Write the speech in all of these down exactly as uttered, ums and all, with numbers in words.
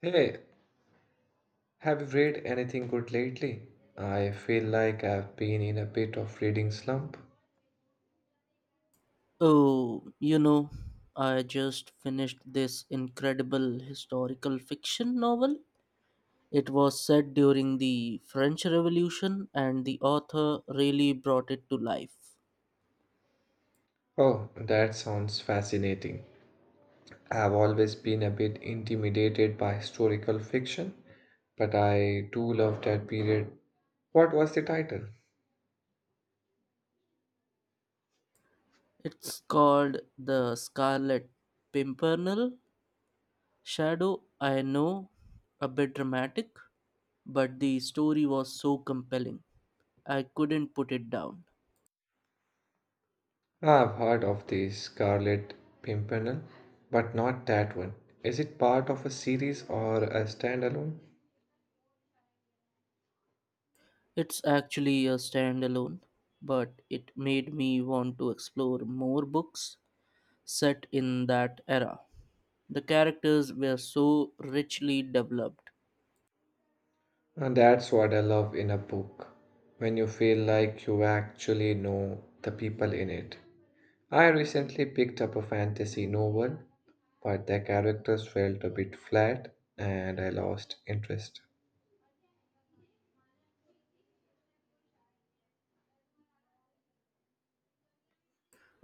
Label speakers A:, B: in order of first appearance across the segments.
A: Hey, have you read anything good lately? I feel like I've been in a bit of reading slump.
B: Oh, you know, I just finished this incredible historical fiction novel. It was set during the French Revolution, and the author really brought it to life.
A: Oh, that sounds fascinating. I've always been a bit intimidated by historical fiction, but I do love that period. What was the title?
B: It's called The Scarlet Pimpernel Shadow. I know, a bit dramatic, but the story was so compelling. I couldn't put it down.
A: I've heard of the Scarlet Pimpernel, but not that one. Is it part of a series or a standalone?
B: It's actually a standalone, but it made me want to explore more books set in that era. The characters were so richly developed.
A: And that's what I love in a book, when you feel like you actually know the people in it. I recently picked up a fantasy novel, but the characters felt a bit flat and I lost interest.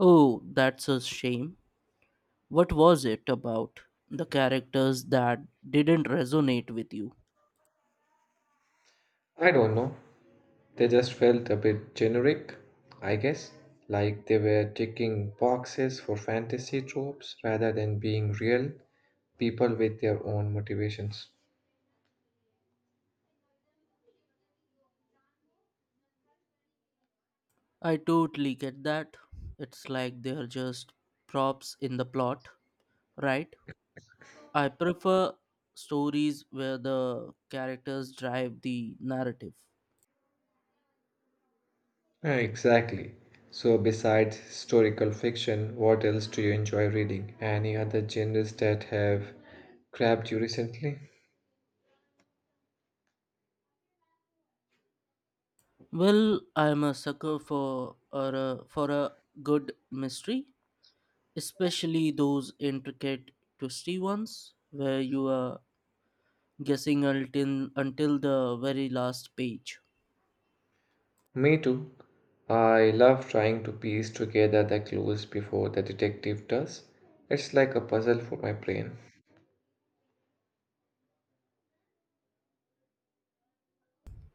B: Oh, that's a shame. What was it about the characters that didn't resonate with you?
A: I don't know, they just felt a bit generic, I guess, like they were ticking boxes for fantasy tropes rather than being real people with their own motivations.
B: I totally get that. It's like they're just props in the plot, right? I prefer stories where the characters drive the narrative.
A: Uh, Exactly. So, besides historical fiction, what else do you enjoy reading? Any other genres that have grabbed you recently?
B: Well, I'm a sucker for a, for a good mystery. Especially those intricate twisty ones where you are guessing until, until the very last page.
A: Me too. I love trying to piece together the clues before the detective does. It's like a puzzle for my brain.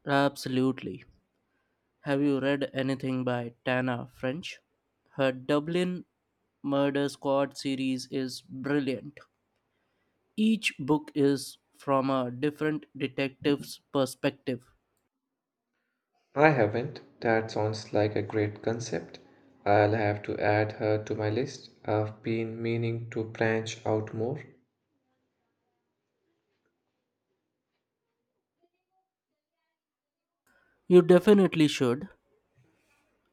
B: Absolutely. Have you read anything by Tana French? Her Dublin Murder Squad series is brilliant. Each book is from a different detective's perspective.
A: I haven't. That sounds like a great concept. I'll have to add her to my list. I've been meaning to branch out more.
B: You definitely should.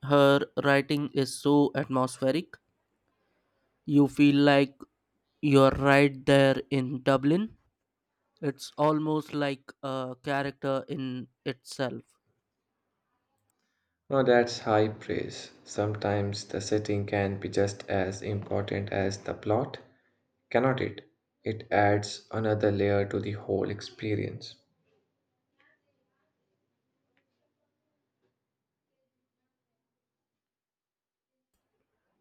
B: Her writing is so atmospheric. You feel like you're right there in Dublin. It's almost like a character in itself.
A: Oh, that's high praise. Sometimes the setting can be just as important as the plot, cannot it? It adds another layer to the whole experience.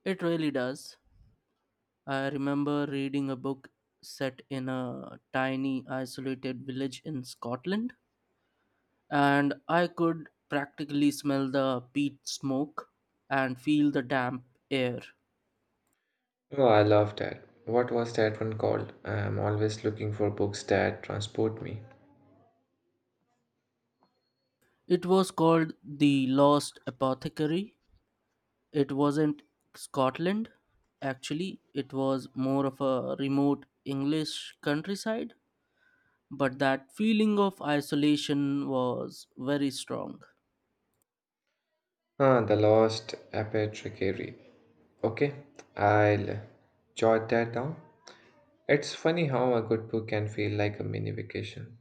B: It really does. I remember reading a book set in a tiny, isolated village in Scotland, and I could practically smell the peat smoke and feel the damp air.
A: Oh, I love that. What was that one called? I'm always looking for books that transport me.
B: It was called The Lost Apothecary. It wasn't Scotland, actually, it was more of a remote English countryside, but that feeling of isolation was very strong.
A: Ah, The Lost Apothecary. Okay, I'll jot that down. It's funny how a good book can feel like a mini vacation.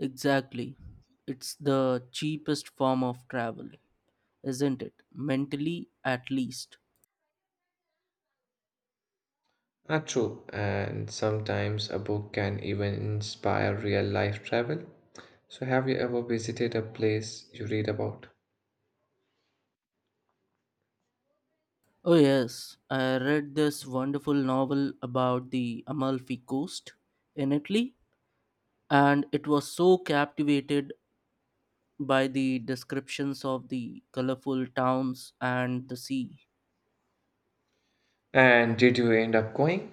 B: Exactly. It's the cheapest form of travel, isn't it? Mentally, at least.
A: Ah, true, and sometimes a book can even inspire real life travel. So, have you ever visited a place you read about?
B: Oh, yes, I read this wonderful novel about the Amalfi Coast in Italy, and it was so captivated by the descriptions of the colorful towns and the sea.
A: And did you end up going?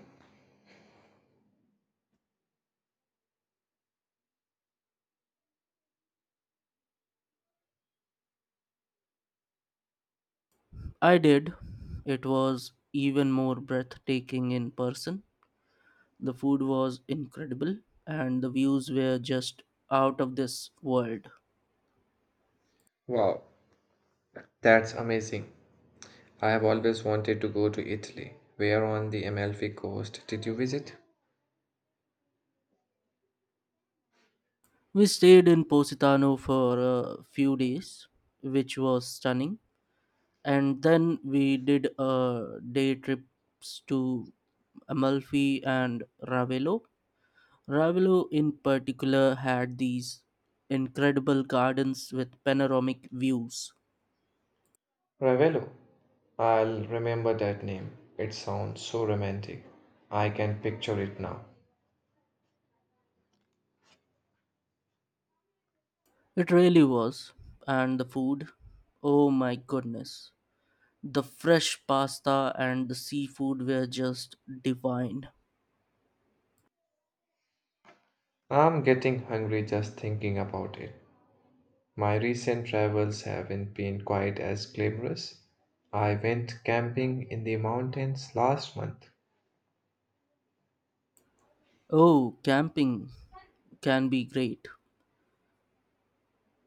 B: I did. It was even more breathtaking in person. The food was incredible, and the views were just out of this world.
A: Wow, that's amazing. I have always wanted to go to Italy. Where on the Amalfi Coast did you visit?
B: We stayed in Positano for a few days, which was stunning, and then we did a day trips to Amalfi and Ravello. Ravello, in particular, had these incredible gardens with panoramic views.
A: Ravello. I'll remember that name. It sounds so romantic. I can picture it now.
B: It really was, and the food, oh my goodness. The fresh pasta and the seafood were just divine.
A: I'm getting hungry just thinking about it. My recent travels haven't been quite as glamorous. I went camping in the mountains last month.
B: Oh, camping can be great.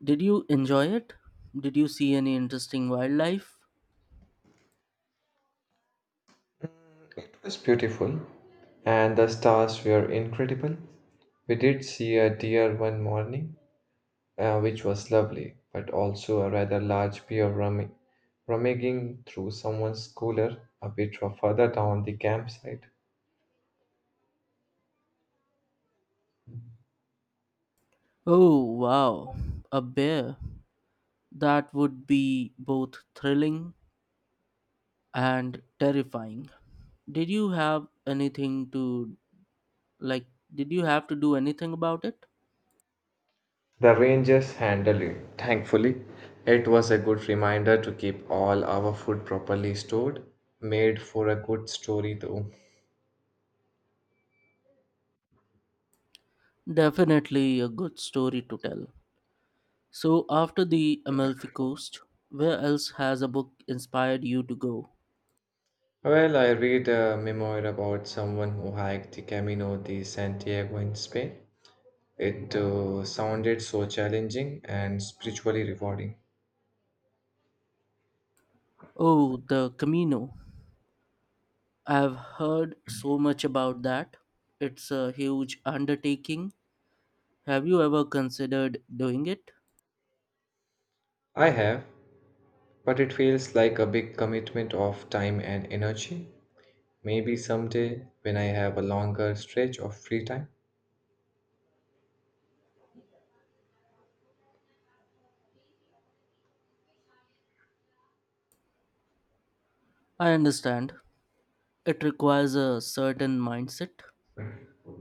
B: Did you enjoy it? Did you see any interesting wildlife?
A: It was beautiful, and the stars were incredible. We did see a deer one morning, uh, which was lovely, but also a rather large bear rummi- rummaging through someone's cooler a bit further down the campsite.
B: Oh, wow, a bear. That would be both thrilling and terrifying. Did you have anything to, like, did you have to do anything about it?
A: The Rangers handled it. Thankfully, it was a good reminder to keep all our food properly stored. Made for a good story, though.
B: Definitely a good story to tell. So, after the Amalfi Coast, where else has a book inspired you to go?
A: Well, I read a memoir about someone who hiked the Camino de Santiago in Spain. It uh, sounded so challenging and spiritually rewarding.
B: Oh, the Camino. I've heard so much about that. It's a huge undertaking. Have you ever considered doing it?
A: I have, but it feels like a big commitment of time and energy. Maybe someday, when I have a longer stretch of free time.
B: I understand. It requires a certain mindset,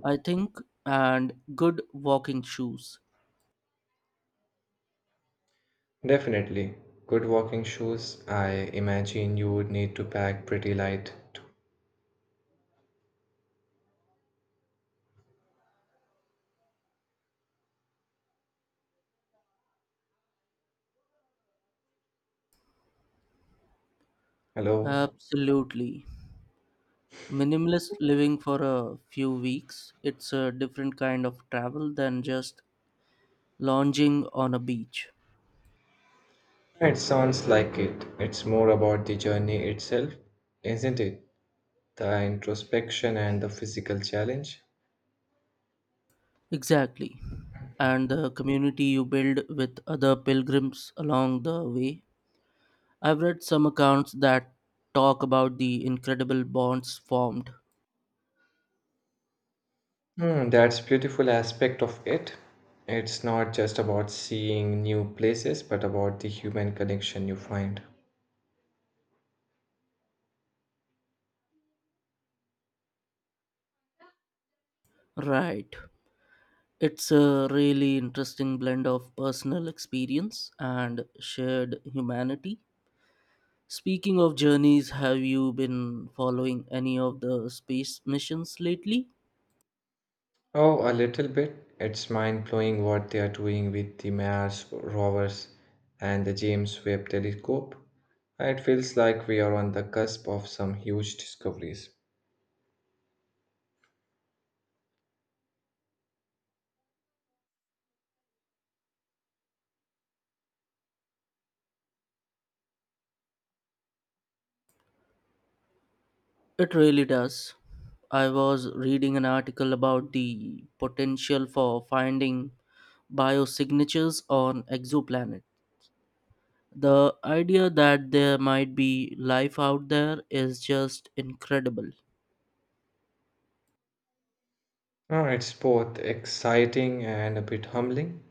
B: I think, and good walking shoes.
A: Definitely. Good walking shoes. I imagine you would need to pack pretty light too. Hello?
B: Absolutely. Minimalist living for a few weeks. It's a different kind of travel than just lounging on a beach.
A: It sounds like it. It's more about the journey itself, isn't it? The introspection and the physical challenge.
B: Exactly. And the community you build with other pilgrims along the way. I've read some accounts that talk about the incredible bonds formed.
A: Hmm, that's beautiful aspect of it. It's not just about seeing new places, but about the human connection you find.
B: Right. It's a really interesting blend of personal experience and shared humanity. Speaking of journeys, have you been following any of the space missions lately?
A: Oh, a little bit. It's mind blowing what they are doing with the Mars rovers and the James Webb telescope. It feels like we are on the cusp of some huge discoveries.
B: It really does. I was reading an article about the potential for finding biosignatures on exoplanet. The idea that there might be life out there is just incredible.
A: Oh, it's both exciting and a bit humbling,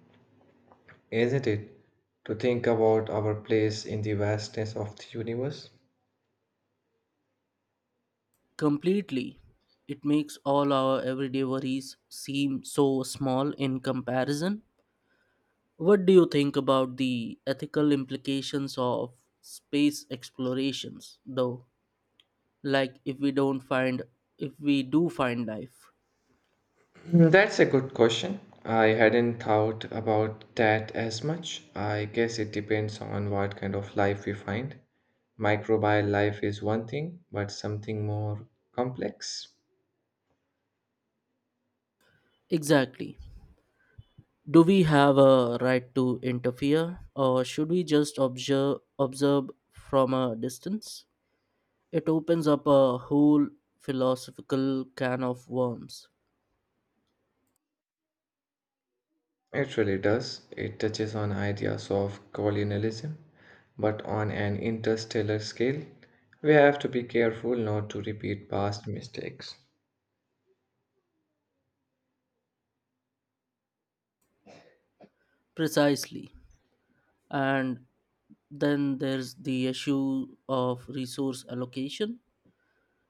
A: isn't it? To think about our place in the vastness of the universe.
B: Completely. It makes all our everyday worries seem so small in comparison. What do you think about the ethical implications of space explorations, though? Like, if we don't find if we do find life,
A: Mm, That's a good question. I hadn't thought about that as much. I guess it depends on what kind of life we find. Microbial life is one thing, but something more complex.
B: exactly. Do we have a right to interfere, or should we just observe observe from a distance? It opens up a whole philosophical can of worms.
A: It really does. It touches on ideas of colonialism, but on an interstellar scale. We have to be careful not to repeat past mistakes.
B: Precisely. And then there's the issue of resource allocation.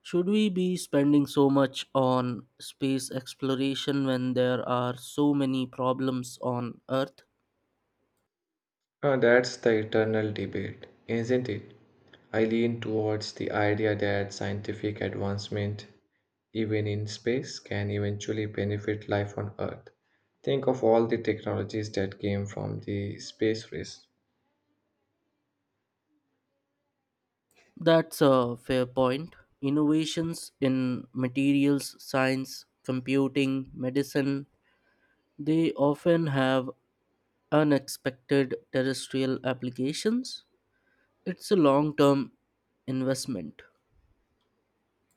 B: Should we be spending so much on space exploration when there are so many problems on earth?
A: Uh, that's the eternal debate, isn't it? I lean towards the idea that scientific advancement, even in space, can eventually benefit life on Earth. Think of all the technologies that came from the space race.
B: That's a fair point. Innovations in materials science, computing, medicine, they often have unexpected terrestrial applications. It's a long term investment.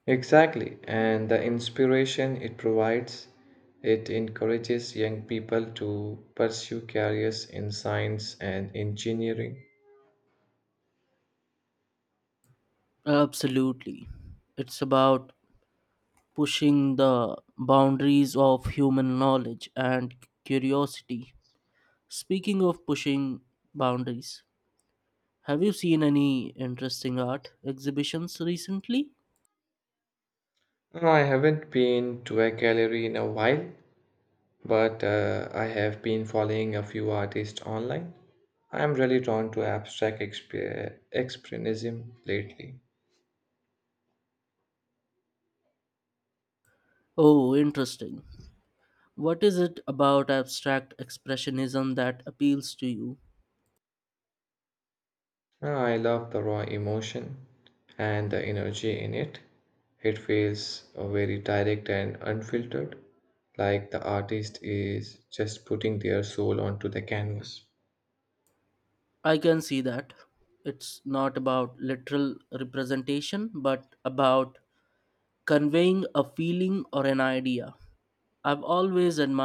A: Exactly, and the inspiration it provides, it encourages young people to pursue careers in science and engineering.
B: Absolutely. It's about pushing the boundaries of human knowledge and curiosity. Speaking of pushing boundaries, have you seen any interesting art exhibitions recently?
A: No, I haven't been to a gallery in a while, but uh, I have been following a few artists online. I am really drawn to abstract expe- expressionism lately.
B: Oh, interesting. What is it about abstract expressionism that appeals to you?
A: Uh, I love the raw emotion and the energy in it. It feels uh, very direct and unfiltered, like the artist is just putting their soul onto the canvas.
B: I can see that. It's not about literal representation, but about conveying a feeling or an idea. I've always admired.